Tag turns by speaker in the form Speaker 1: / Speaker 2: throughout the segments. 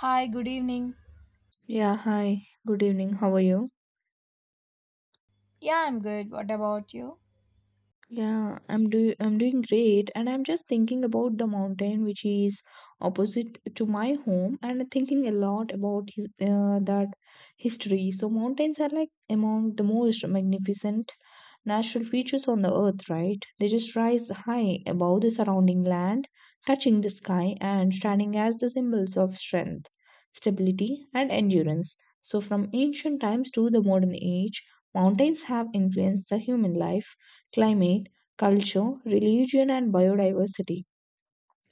Speaker 1: Hi, good evening.
Speaker 2: Yeah, hi. Good evening. How are you?
Speaker 1: Yeah, I'm good. What about you?
Speaker 2: Yeah, I'm doing great and I'm just thinking about the mountain which is opposite to my home and thinking a lot about that history. So mountains are like among the most magnificent natural features on the earth, right? They just rise high above the surrounding land, touching the sky and standing as the symbols of strength, stability and endurance. So from ancient times to the modern age, mountains have influenced the human life, climate, culture, religion and biodiversity.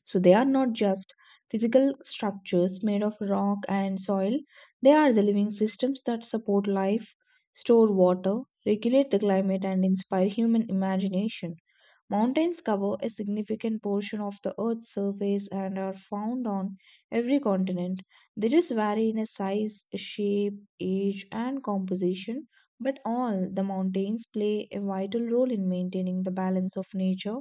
Speaker 2: So they are not just physical structures made of rock and soil, they are the living systems that support life, store water, regulate the climate, and inspire human imagination. Mountains cover a significant portion of the Earth's surface and are found on every continent. They just vary in a size, shape, age, and composition, but all the mountains play a vital role in maintaining the balance of nature.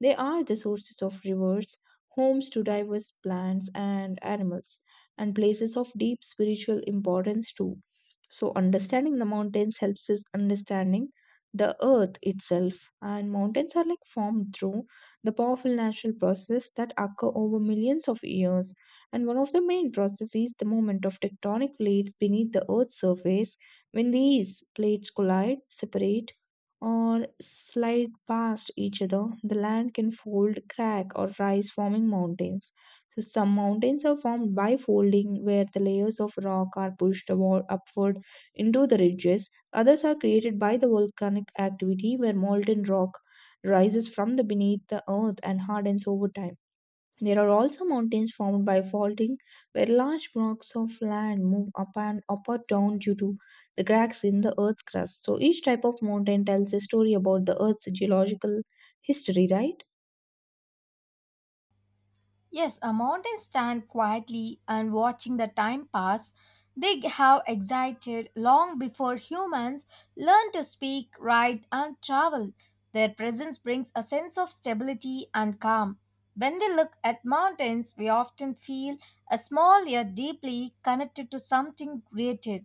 Speaker 2: They are the sources of rivers, homes to diverse plants and animals, and places of deep spiritual importance too. So, understanding the mountains helps us understanding the earth itself. And mountains are like formed through the powerful natural process that occur over millions of years. And one of the main processes is the movement of tectonic plates beneath the earth's surface. When these plates collide, separate, or slide past each other, the land can fold, crack, or rise, forming mountains. So, some mountains are formed by folding, where the layers of rock are pushed upward into the ridges. Others are created by the volcanic activity, where molten rock rises from the beneath the earth and hardens over time. There are also mountains formed by faulting, where large blocks of land move up or down due to the cracks in the Earth's crust. So each type of mountain tells a story about the Earth's geological history, right?
Speaker 1: Yes, a mountain stand quietly and watching the time pass. They have existed long before humans learned to speak, write, and travel. Their presence brings a sense of stability and calm. When we look at mountains, we often feel a small yet deeply connected to something greater.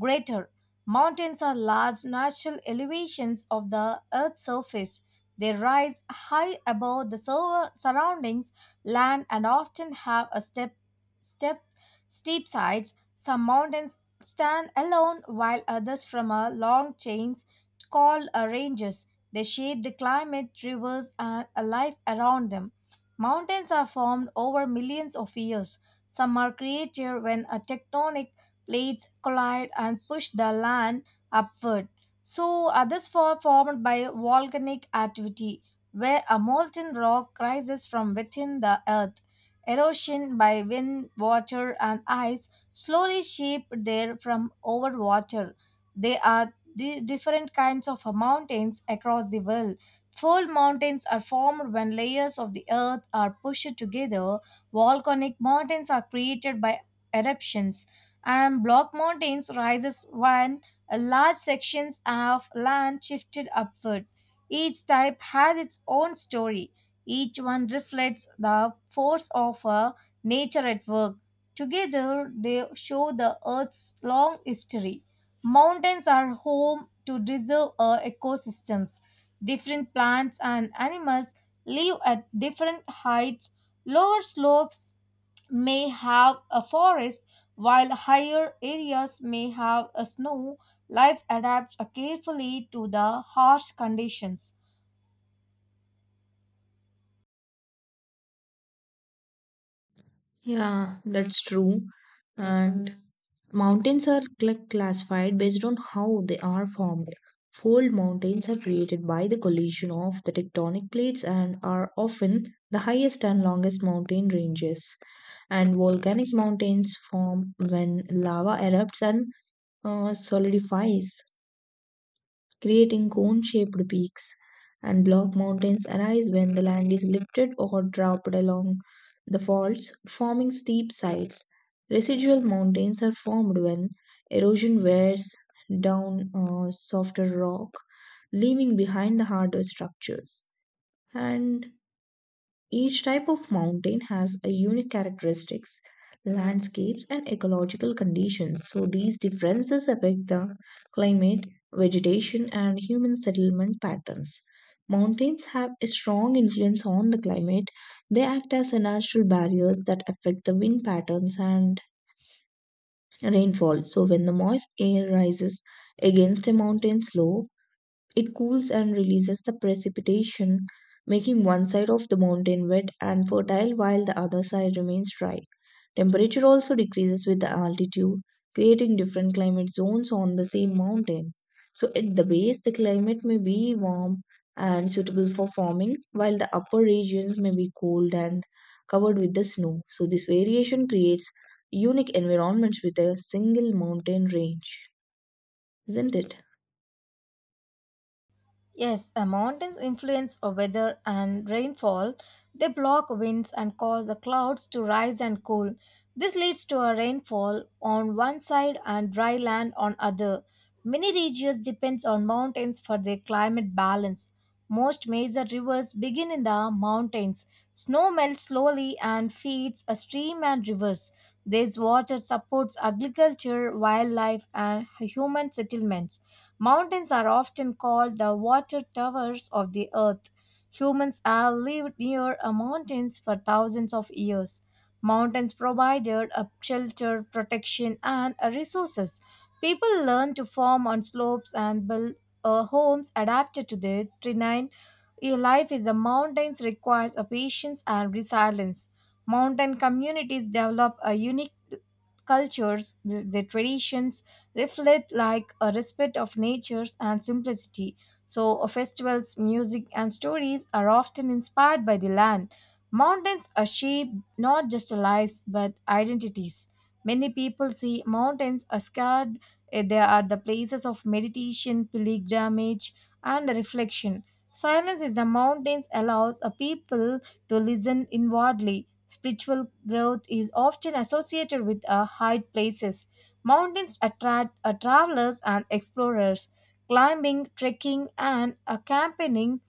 Speaker 1: Greater mountains are large natural elevations of the earth's surface. They rise high above the surroundings land and often have a step, step steep sides. Some mountains stand alone while others form a long chains called ranges. They shape the climate, rivers, and a life around them. Mountains are formed over millions of years. Some are created when a tectonic plates collide and push the land upward. So others were formed by volcanic activity where a molten rock rises from within the earth. Erosion by wind, water, and ice slowly shape there from over water. There are different kinds of mountains across the world. Fold mountains are formed when layers of the earth are pushed together. Volcanic mountains are created by eruptions, and block mountains rises when large sections of land shifted upward. Each type has its own story. Each one reflects the force of a nature at work. Together, they show the Earth's long history. Mountains are home to deserve ecosystems. Different plants and animals live at different heights. Lower slopes may have a forest, while higher areas may have a snow. Life adapts carefully to the harsh conditions.
Speaker 2: Yeah, that's true. And mountains are classified based on how they are formed. Fold mountains are created by the collision of the tectonic plates and are often the highest and longest mountain ranges. And volcanic mountains form when lava erupts and solidifies, creating cone-shaped peaks, and block mountains arise when the land is lifted or dropped along the faults, forming steep sides. Residual mountains are formed when erosion wears down softer rock, leaving behind the harder structures. And each type of mountain has a unique characteristics, landscapes, and ecological conditions. So these differences affect the climate, vegetation, and human settlement patterns. Mountains have a strong influence on the climate. They act as a natural barriers that affect the wind patterns and rainfall. So when the moist air rises against a mountain slope, it cools and releases the precipitation, making one side of the mountain wet and fertile while the other side remains dry. Temperature also decreases with the altitude, creating different climate zones on the same mountain. So, at the base, the climate may be warm and suitable for farming, while the upper regions may be cold and covered with the snow. So, this variation creates unique environments with a single mountain range, isn't it?
Speaker 1: Yes, a mountains influence of weather and rainfall. They block winds and cause the clouds to rise and cool. This leads to a rainfall on one side and dry land on other. Many regions depends on mountains for their climate balance. Most major rivers begin in the mountains. Snow melts slowly and feeds a stream and rivers. This water supports agriculture, wildlife, and human settlements. Mountains are often called the water towers of the earth. Humans have lived near a mountains for thousands of years. Mountains provided a shelter, protection, and a resources. People learn to farm on slopes and build homes adapted to their terrain. A life in the mountains requires a patience and resilience. Mountain communities develop a unique cultures, the traditions, reflect like a respect of natures and simplicity. So festivals, music and stories are often inspired by the land. Mountains are shaped not just lives but identities. Many people see mountains as scared. They are the places of meditation, pilgrimage, and reflection. Silence in the mountains allows a people to listen inwardly. Spiritual growth is often associated with a high places. Mountains attract travelers and explorers. Climbing, trekking, and camping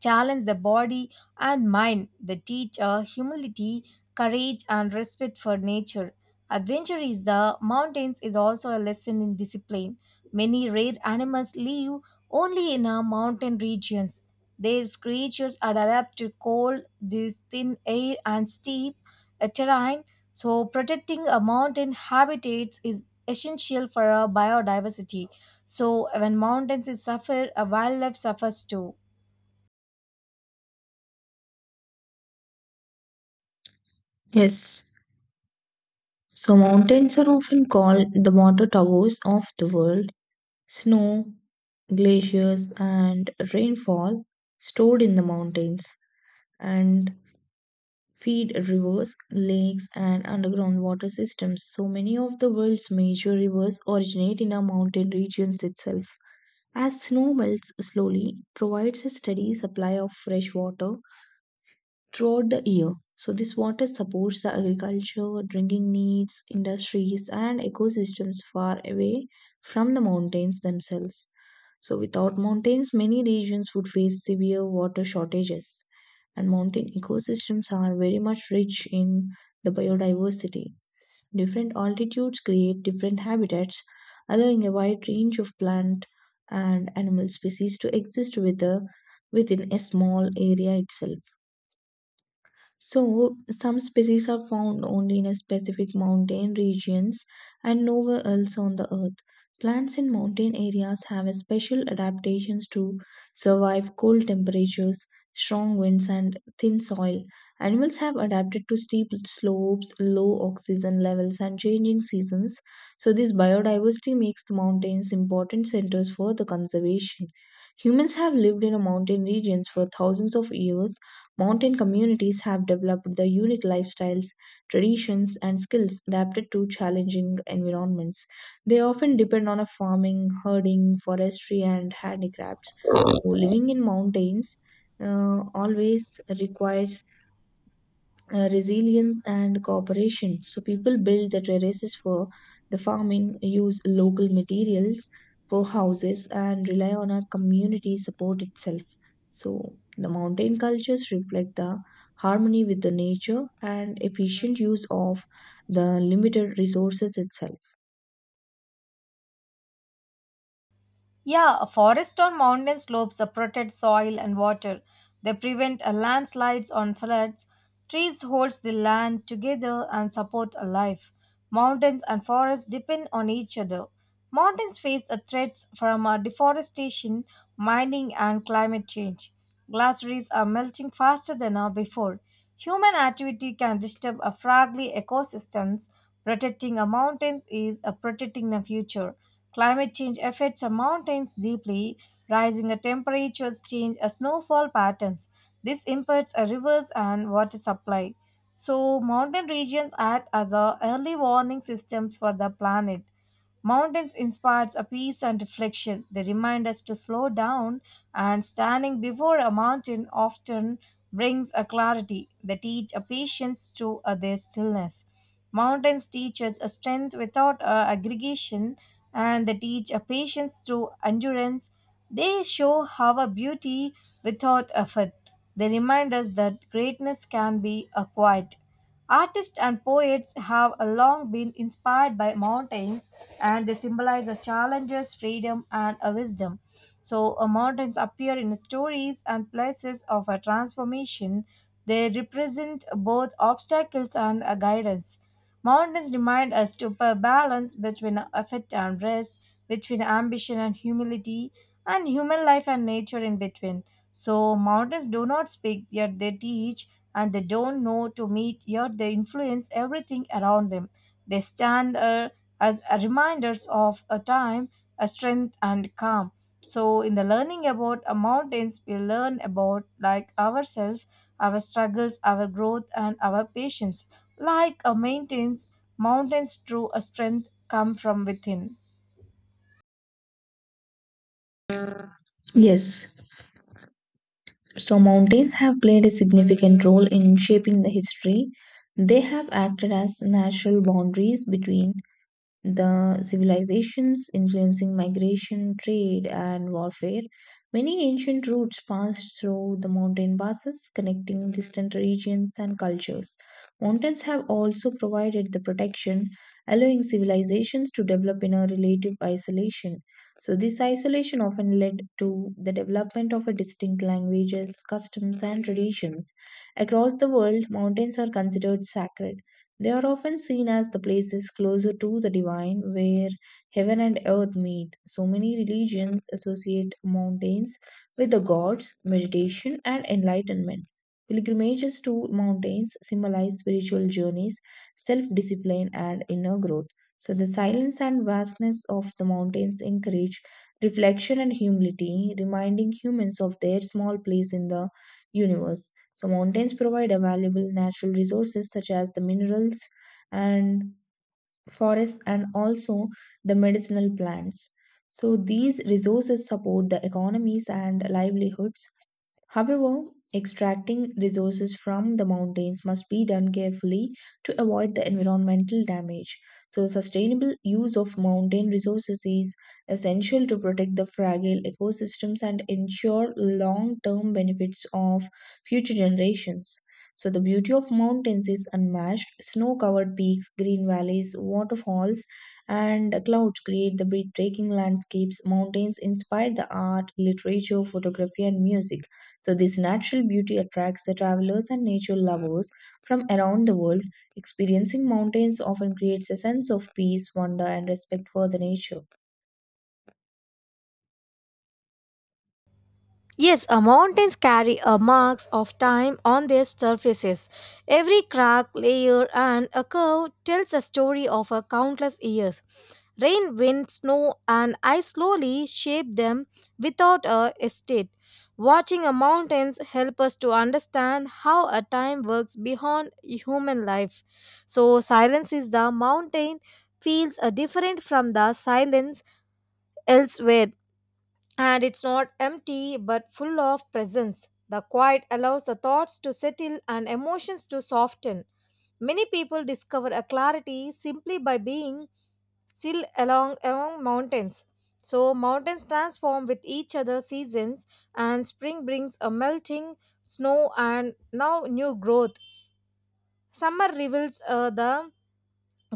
Speaker 1: challenge the body and mind that teach humility, courage, and respect for nature. Adventure is the mountains is also a lesson in discipline. Many rare animals live only in our mountain regions. Their creatures are adapt to cold, this thin air, and steep terrain. So, protecting a mountain habitats is essential for our biodiversity. So, when mountains is suffer, a wildlife suffers too.
Speaker 2: Yes. So mountains are often called the water towers of the world. Snow, glaciers, and rainfall stored in the mountains and feed rivers, lakes, and underground water systems. So many of the world's major rivers originate in our mountain regions itself. As snow melts slowly, it provides a steady supply of fresh water throughout the year. So this water supports the agriculture, drinking needs, industries and ecosystems far away from the mountains themselves. So without mountains, many regions would face severe water shortages. And mountain ecosystems are very much rich in the biodiversity. Different altitudes create different habitats, allowing a wide range of plant and animal species to exist within a small area itself. So, some species are found only in a specific mountain regions and nowhere else on the earth. Plants in mountain areas have a special adaptations to survive cold temperatures, strong winds, and thin soil. Animals have adapted to steep slopes, low oxygen levels, and changing seasons. So, this biodiversity makes the mountains important centers for the conservation. Humans have lived in a mountain regions for thousands of years. Mountain communities have developed the unique lifestyles, traditions, and skills adapted to challenging environments. They often depend on a farming, herding, forestry, and handicrafts. So, living in mountains always requires resilience and cooperation. So people build the terraces for the farming, use local materials for houses, and rely on a community support itself. So the mountain cultures reflect the harmony with the nature and efficient use of the limited resources itself.
Speaker 1: Yeah, forests on mountain slopes are protect soil and water. They prevent landslides on floods. Trees holds the land together and support a life. Mountains and forests depend on each other. Mountains face a threats from deforestation, mining, and climate change. Glaciers are melting faster than before. Human activity can disturb a fragile ecosystems. Protecting a mountains is protecting the future. Climate change affects the mountains deeply, rising temperatures change the snowfall patterns. This impacts the rivers and water supply. So mountain regions act as a early warning systems for the planet. Mountains inspires a peace and reflection. They remind us to slow down, and standing before a mountain often brings a clarity. They teach a patience through their stillness. Mountains teach us a strength without aggregation, and they teach a patience through endurance. They show how a beauty without effort. They remind us that greatness can be acquired. Artists and poets have long been inspired by mountains and they symbolize as challenges, freedom, and a wisdom. So, mountains appear in stories and places of a transformation. They represent both obstacles and a guidance. Mountains remind us to balance between effort and rest, between ambition and humility, and human life and nature in between. So, mountains do not speak, yet they teach, and they don't know to meet, yet they influence everything around them. They stand as a reminders of a time, a strength, and calm. So, in the learning about mountains, we learn about like ourselves, our struggles, our growth, and our patience. Like a mountains, mountains true a strength come from within.
Speaker 2: Yes. So mountains have played a significant role in shaping the history. They have acted as natural boundaries between the civilizations, influencing migration, trade, and warfare. Many ancient routes passed through the mountain passes, connecting distant regions and cultures. Mountains have also provided the protection, allowing civilizations to develop in a relative isolation. So, this isolation often led to the development of a distinct languages, customs, and traditions. Across the world, mountains are considered sacred. They are often seen as the places closer to the divine where heaven and earth meet. So many religions associate mountains with the gods, meditation, and enlightenment. Pilgrimages to mountains symbolize spiritual journeys, self discipline, and inner growth. So, the silence and vastness of the mountains encourage reflection and humility, reminding humans of their small place in the universe. So mountains provide a valuable natural resources such as the minerals and forests and also the medicinal plants. So these resources support the economies and livelihoods. However, extracting resources from the mountains must be done carefully to avoid the environmental damage. So, the sustainable use of mountain resources is essential to protect the fragile ecosystems and ensure long term benefits of future generations. So, the beauty of mountains is unmatched. Snow covered peaks, green valleys, waterfalls, and clouds create the breathtaking landscapes. Mountains inspire the art, literature, photography, and music. So this natural beauty attracts the travelers and nature lovers from around the world. Experiencing mountains often creates a sense of peace, wonder, and respect for the nature.
Speaker 1: Yes, mountains carry marks of time on their surfaces. Every crack, layer, and a curve tells a story of a countless years. Rain, wind, snow, and ice slowly shape them without a estate. Watching a mountains help us to understand how a time works beyond human life. So silence is the mountain feels different from the silence elsewhere and it's not empty but full of presence. The quiet allows the thoughts to settle and emotions to soften. Many people discover a clarity simply by being still along among mountains. So mountains transform with each other seasons and spring brings a melting snow and now new growth. Summer reveals the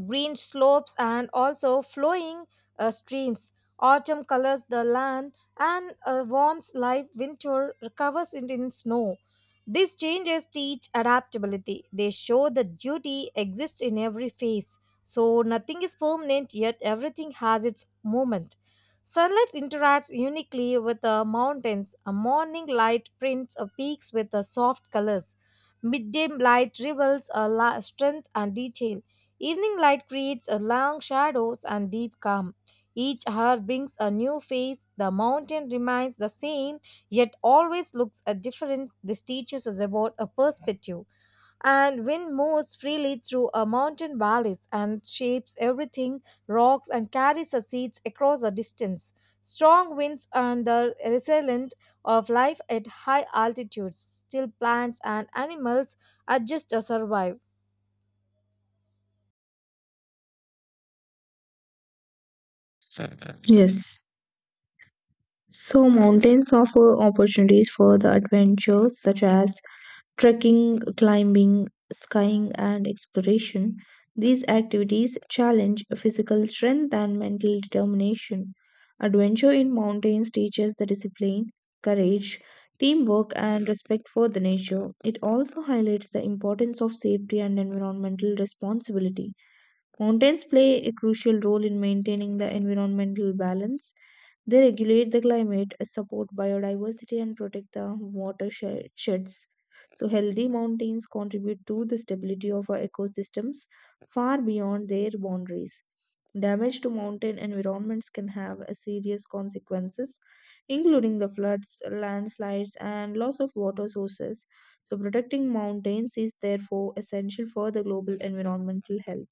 Speaker 1: green slopes and also flowing streams. Autumn colors the land and warms life winter covers it in snow. These changes teach adaptability. They show that beauty exists in every phase. So nothing is permanent yet everything has its moment. Sunlight interacts uniquely with the mountains. A morning light prints a peaks with the soft colors. Midday light reveals a strength and detail. Evening light creates a long shadows and deep calm. Each hour brings a new face. The mountain remains the same, yet always looks a different. This teaches us about a perspective. And wind moves freely through a mountain valleys and shapes everything, rocks and carries the seeds across a distance. Strong winds and the resilient of life at high altitudes. Still plants and animals adjust to survive.
Speaker 2: Yes. So mountains offer opportunities for the adventures such as trekking, climbing, skiing, and exploration. These activities challenge physical strength and mental determination. Adventure in mountains teaches the discipline, courage, teamwork, and respect for the nature. It also highlights the importance of safety and environmental responsibility. Mountains play a crucial role in maintaining the environmental balance. They regulate the climate, support biodiversity, and protect the watersheds. So, healthy mountains contribute to the stability of our ecosystems far beyond their boundaries. Damage to mountain environments can have a serious consequences, including the floods, landslides, and loss of water sources. So, protecting mountains is therefore essential for the global environmental health.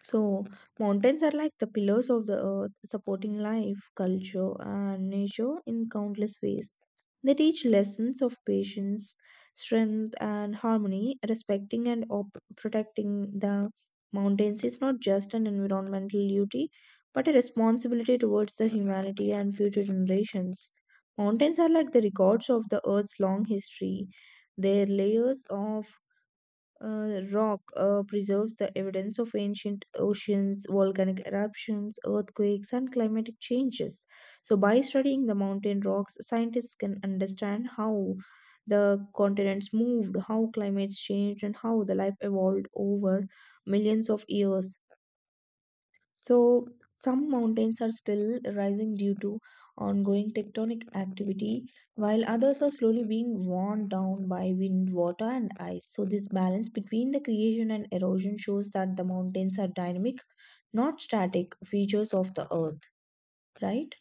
Speaker 2: So, mountains are like the pillars of the earth, supporting life, culture, and nature in countless ways. They teach lessons of patience, strength, and harmony. Respecting and protecting the mountains is not just an environmental duty, but a responsibility towards the humanity and future generations. Mountains are like the records of the earth's long history. Their layers of rock preserves the evidence of ancient oceans, volcanic eruptions, earthquakes, and climatic changes. So, by studying the mountain rocks, scientists can understand how the continents moved, how climates changed, and how the life evolved over millions of years. So, some mountains are still rising due to ongoing tectonic activity, while others are slowly being worn down by wind, water, and ice. So, this balance between the creation and erosion shows that the mountains are dynamic, not static features of the earth, right?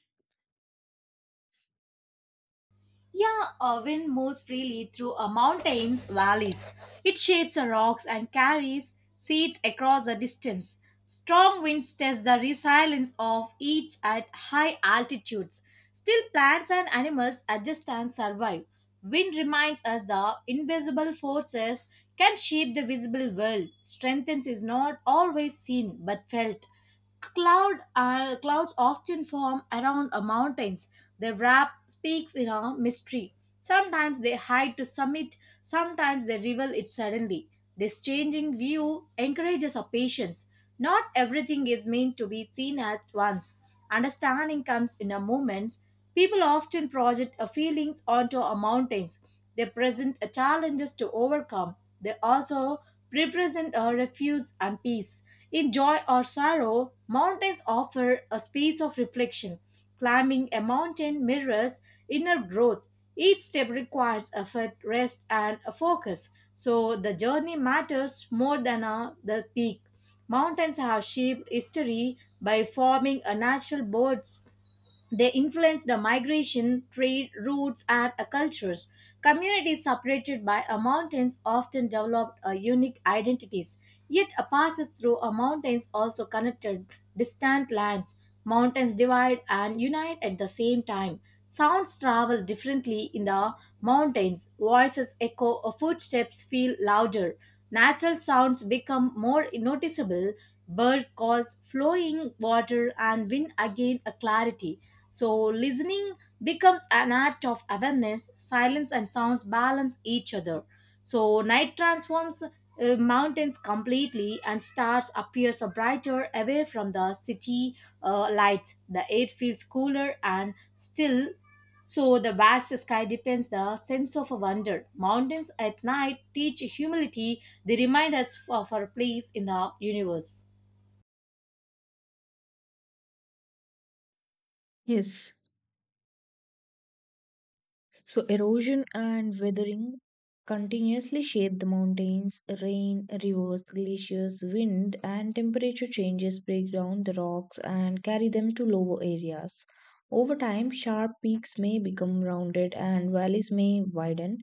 Speaker 1: Yeah, a wind moves freely through a mountain's valleys. It shapes the rocks and carries seeds across the distance. Strong winds test the resilience of each at high altitudes. Still, plants and animals adjust and survive. Wind reminds us the invisible forces can shape the visible world. Strength is not always seen but felt. Clouds often form around mountains. They wrap peaks in a mystery. Sometimes they hide to summit, sometimes they reveal it suddenly. This changing view encourages our patience. Not everything is meant to be seen at once. Understanding comes in a moment. People often project a feelings onto a mountains. They present a challenges to overcome. They also represent a refuge and peace. In joy or sorrow, mountains offer a space of reflection. Climbing a mountain mirrors inner growth. Each step requires effort, rest, and a focus. So the journey matters more than the peak. Mountains have shaped history by forming a natural boards they influenced the migration, trade routes, and cultures. Communities separated by mountains often developed unique identities. Yet, passes through mountains also connected distant lands. Mountains divide and unite at the same time. Sounds travel differently in the mountains. Voices echo, footsteps feel louder. Natural sounds become more noticeable. Bird calls, flowing water, and wind again a clarity. So, listening becomes an act of awareness, silence and sounds balance each other. So, night transforms mountains completely and stars appears brighter away from the city lights the air feels cooler and still so the vast sky depends the sense of wonder mountains at night teach humility they remind us of our place in the universe.
Speaker 2: Yes. So erosion and weathering continuously shape the mountains. Rain, rivers, glaciers, wind, and temperature changes break down the rocks and carry them to lower areas. Over time, sharp peaks may become rounded and valleys may widen.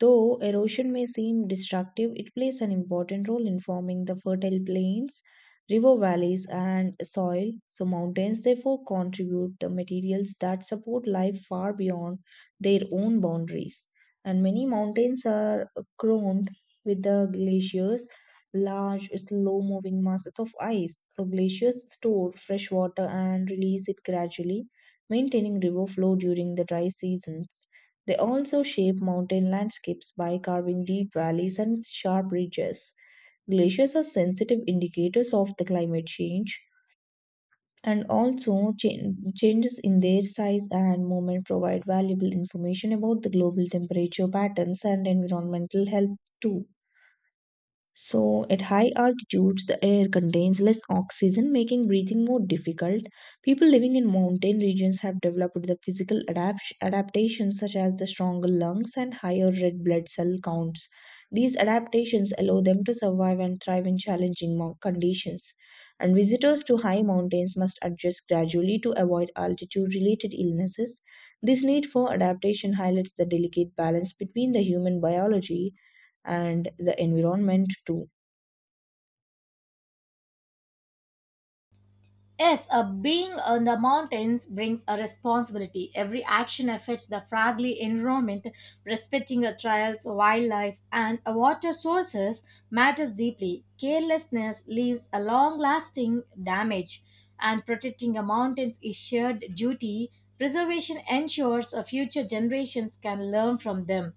Speaker 2: Though erosion may seem destructive, it plays an important role in forming the fertile plains, river valleys, and soil. So, mountains therefore contribute the materials that support life far beyond their own boundaries. And many mountains are crowned with the glaciers, large, slow moving masses of ice. So, glaciers store fresh water and release it gradually, maintaining river flow during the dry seasons. They also shape mountain landscapes by carving deep valleys and sharp ridges. Glaciers are sensitive indicators of the climate change, and also changes in their size and movement provide valuable information about the global temperature patterns and environmental health too. So, at high altitudes, the air contains less oxygen, making breathing more difficult. People living in mountain regions have developed the physical adaptations such as the stronger lungs and higher red blood cell counts. These adaptations allow them to survive and thrive in challenging conditions. And visitors to high mountains must adjust gradually to avoid altitude related illnesses. This need for adaptation highlights the delicate balance between the human biology and the environment too.
Speaker 1: Yes, being on the mountains brings a responsibility. Every action affects the fragile environment, respecting the trails, wildlife, and water sources matters deeply. Carelessness leaves a long-lasting damage, and protecting the mountains is shared duty. Preservation ensures future generations can learn from them.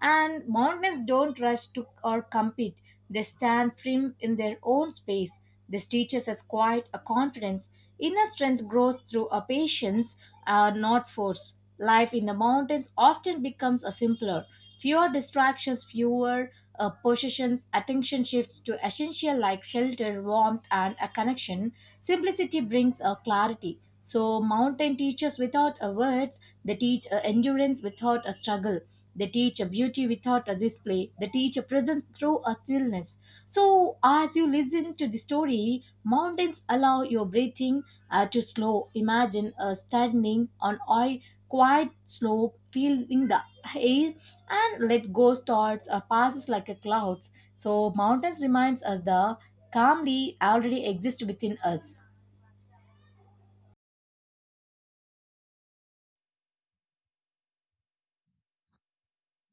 Speaker 1: And mountains don't rush to or compete; they stand firm in their own space this teaches us quite a confidence. Inner strength grows through a patience, not force. Life in the mountains often becomes a simpler. Fewer distractions, fewer possessions, attention shifts to essential like shelter, warmth, and a connection. Simplicity brings a clarity. So, mountain teachers without a words, they teach a endurance without a struggle. They teach a beauty without a display. They teach a presence through a stillness. So, as you listen to the story, mountains allow your breathing to slow. Imagine standing on a quiet slope, feeling the air, and let go thoughts passes like a clouds. So, mountains reminds us the calmly already exist within us.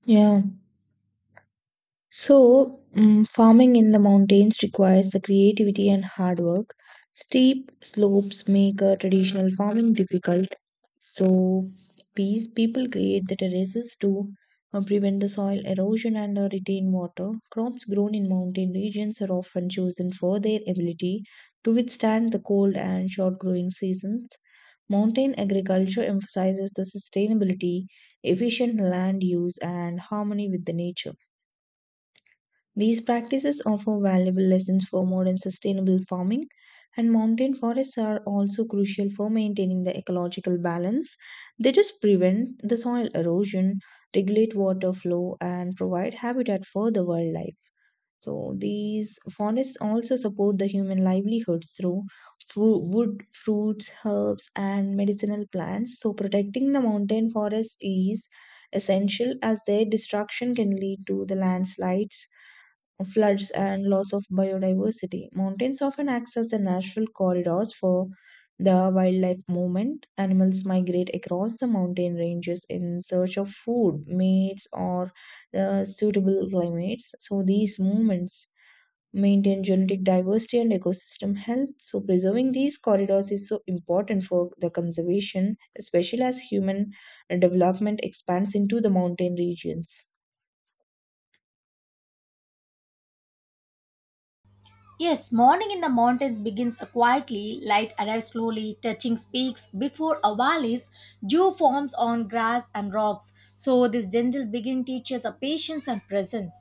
Speaker 2: Yeah. So, farming in the mountains requires the creativity and hard work. Steep slopes make traditional farming difficult. So, these people create the terraces to prevent the soil erosion and retain water. Crops grown in mountain regions are often chosen for their ability to withstand the cold and short growing seasons. Mountain agriculture emphasizes the sustainability, efficient land use, and harmony with the nature. These practices offer valuable lessons for modern sustainable farming, and mountain forests are also crucial for maintaining the ecological balance. They just prevent the soil erosion, regulate water flow, and provide habitat for the wildlife. So these forests also support the human livelihoods through wood, fruits, herbs, and medicinal plants. So protecting the mountain forests is essential as their destruction can lead to the landslides, floods, and loss of biodiversity. Mountains often acts as the natural corridors for the wildlife movement. Animals migrate across the mountain ranges in search of food, mates, or suitable climates. So these movements maintain genetic diversity and ecosystem health. So preserving these corridors is so important for the conservation, especially as human development expands into the mountain regions.
Speaker 1: Yes, morning in the mountains begins quietly, light arrives slowly, touching peaks before a valleys, dew forms on grass and rocks. So this gentle begin teaches a patience and presence.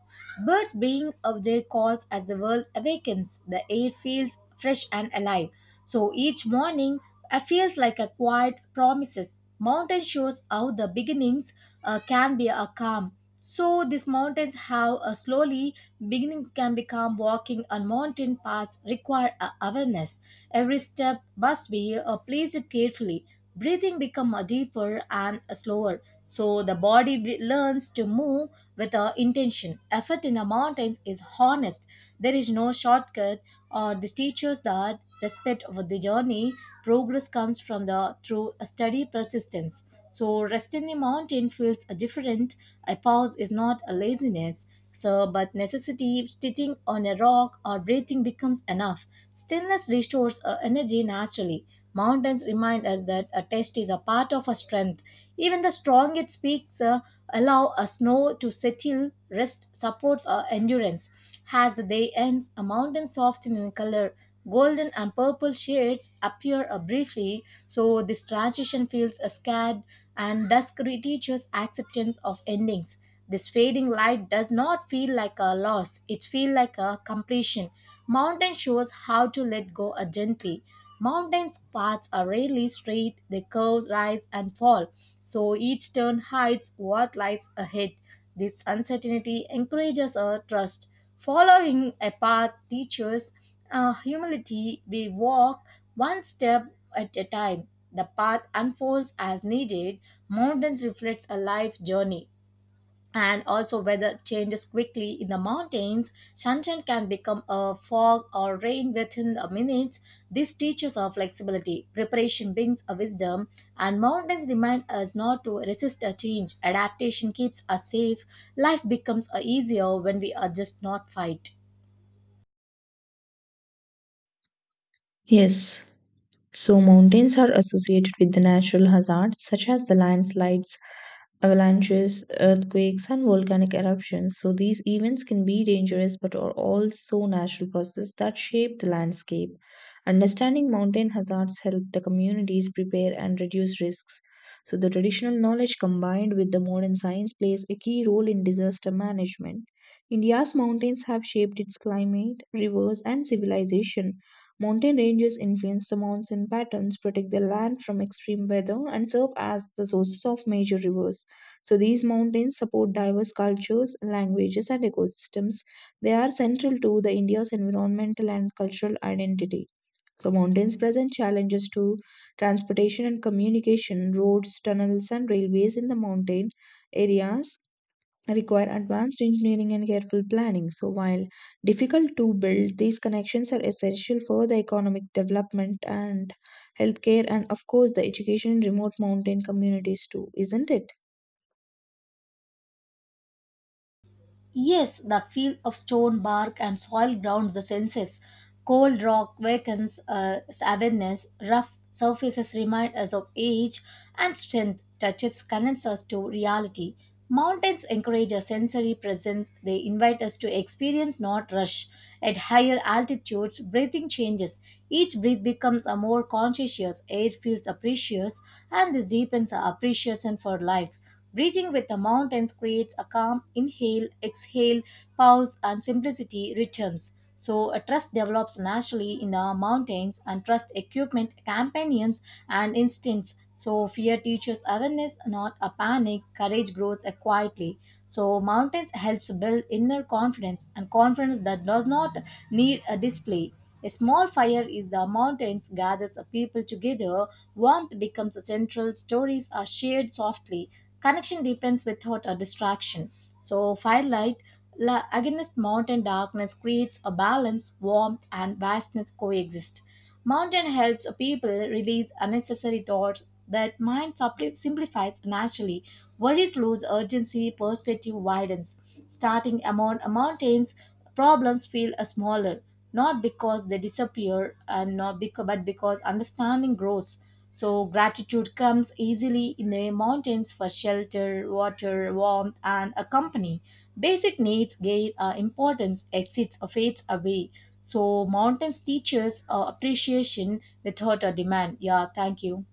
Speaker 1: Birds bring up their calls as the world awakens. The air feels fresh and alive. So each morning feels like a quiet promises. Mountain shows how the beginnings can be a calm. So these mountains have slowly beginning can become walking on mountain paths require a awareness. Every step must be placed carefully. Breathing become deeper and slower, so the body learns to move with intention. Effort in the mountains is honest. There is no shortcut, or this teaches that respect of the journey. Progress comes from the through a steady persistence. So rest in the mountain feels different. A pause is not a laziness. So, but necessity, stitching on a rock or breathing becomes enough. Stillness restores our energy naturally. Mountains remind us that a test is a part of our strength. Even the strongest peaks allow a snow to settle, rest supports our endurance. As the day ends, a mountain softens in color. Golden and purple shades appear briefly, so this transition feels scared and dusk teaches acceptance of endings. This fading light does not feel like a loss, it feels like a completion. Mountain shows how to let go gently. Mountain's paths are rarely straight, they curve, rise, and fall, so each turn hides what lies ahead. This uncertainty encourages a trust. Following a path teaches humility. We walk one step at a time. The path unfolds as needed. Mountains reflects a life journey, and also weather changes quickly in the mountains. Sunshine can become a fog or rain within the minutes. This teaches our flexibility. Preparation brings a wisdom, and mountains remind us not to resist a change. Adaptation keeps us safe. Life becomes a easier when we adjust, not fight.
Speaker 2: Yes. So mountains are associated with the natural hazards such as the landslides, avalanches, earthquakes, and volcanic eruptions. So these events can be dangerous but are also natural processes that shape the landscape. Understanding mountain hazards help the communities prepare and reduce risks. So the traditional knowledge combined with the modern science plays a key role in disaster management. India's mountains have shaped its climate, rivers, and civilization. Mountain ranges influence the monsoon patterns, protect the land from extreme weather, and serve as the sources of major rivers. So, these mountains support diverse cultures, languages, and ecosystems. They are central to the India's environmental and cultural identity. So, mountains present challenges to transportation and communication, roads, tunnels, and railways in the mountain areas require advanced engineering and careful planning. So, while difficult to build, these connections are essential for the economic development and healthcare, and of course, the education in remote mountain communities, too, isn't it?
Speaker 1: Yes, the feel of stone, bark, and soil grounds the senses. Cold rock wakens awareness, rough surfaces remind us of age, and strength touches connects us to reality. Mountains encourage a sensory presence, they invite us to experience, not rush. At higher altitudes, breathing changes. Each breath becomes a more conscious, air feels apprecious, and this deepens our appreciation for life. Breathing with the mountains creates a calm inhale, exhale, pause, and simplicity returns. So, a trust develops naturally in the mountains, and trust equipment, companions, and instincts. So, fear teaches awareness, not a panic. Courage grows quietly. So, mountains helps build inner confidence and confidence that does not need a display. A small fire is the mountains gathers a people together. Warmth becomes a central. Stories are shared softly. Connection depends without a distraction. So, firelight against mountain darkness creates a balance, warmth, and vastness coexist. Mountain helps people release unnecessary thoughts that mind simplifies naturally. Worries lose urgency, perspective widens. Starting among mountains, problems feel smaller, not because they disappear, and not because, but because understanding grows. So gratitude comes easily in the mountains for shelter, water, warmth, and a company. Basic needs gain importance, exits or fades away. So mountains teaches appreciation without a demand. Yeah, thank you.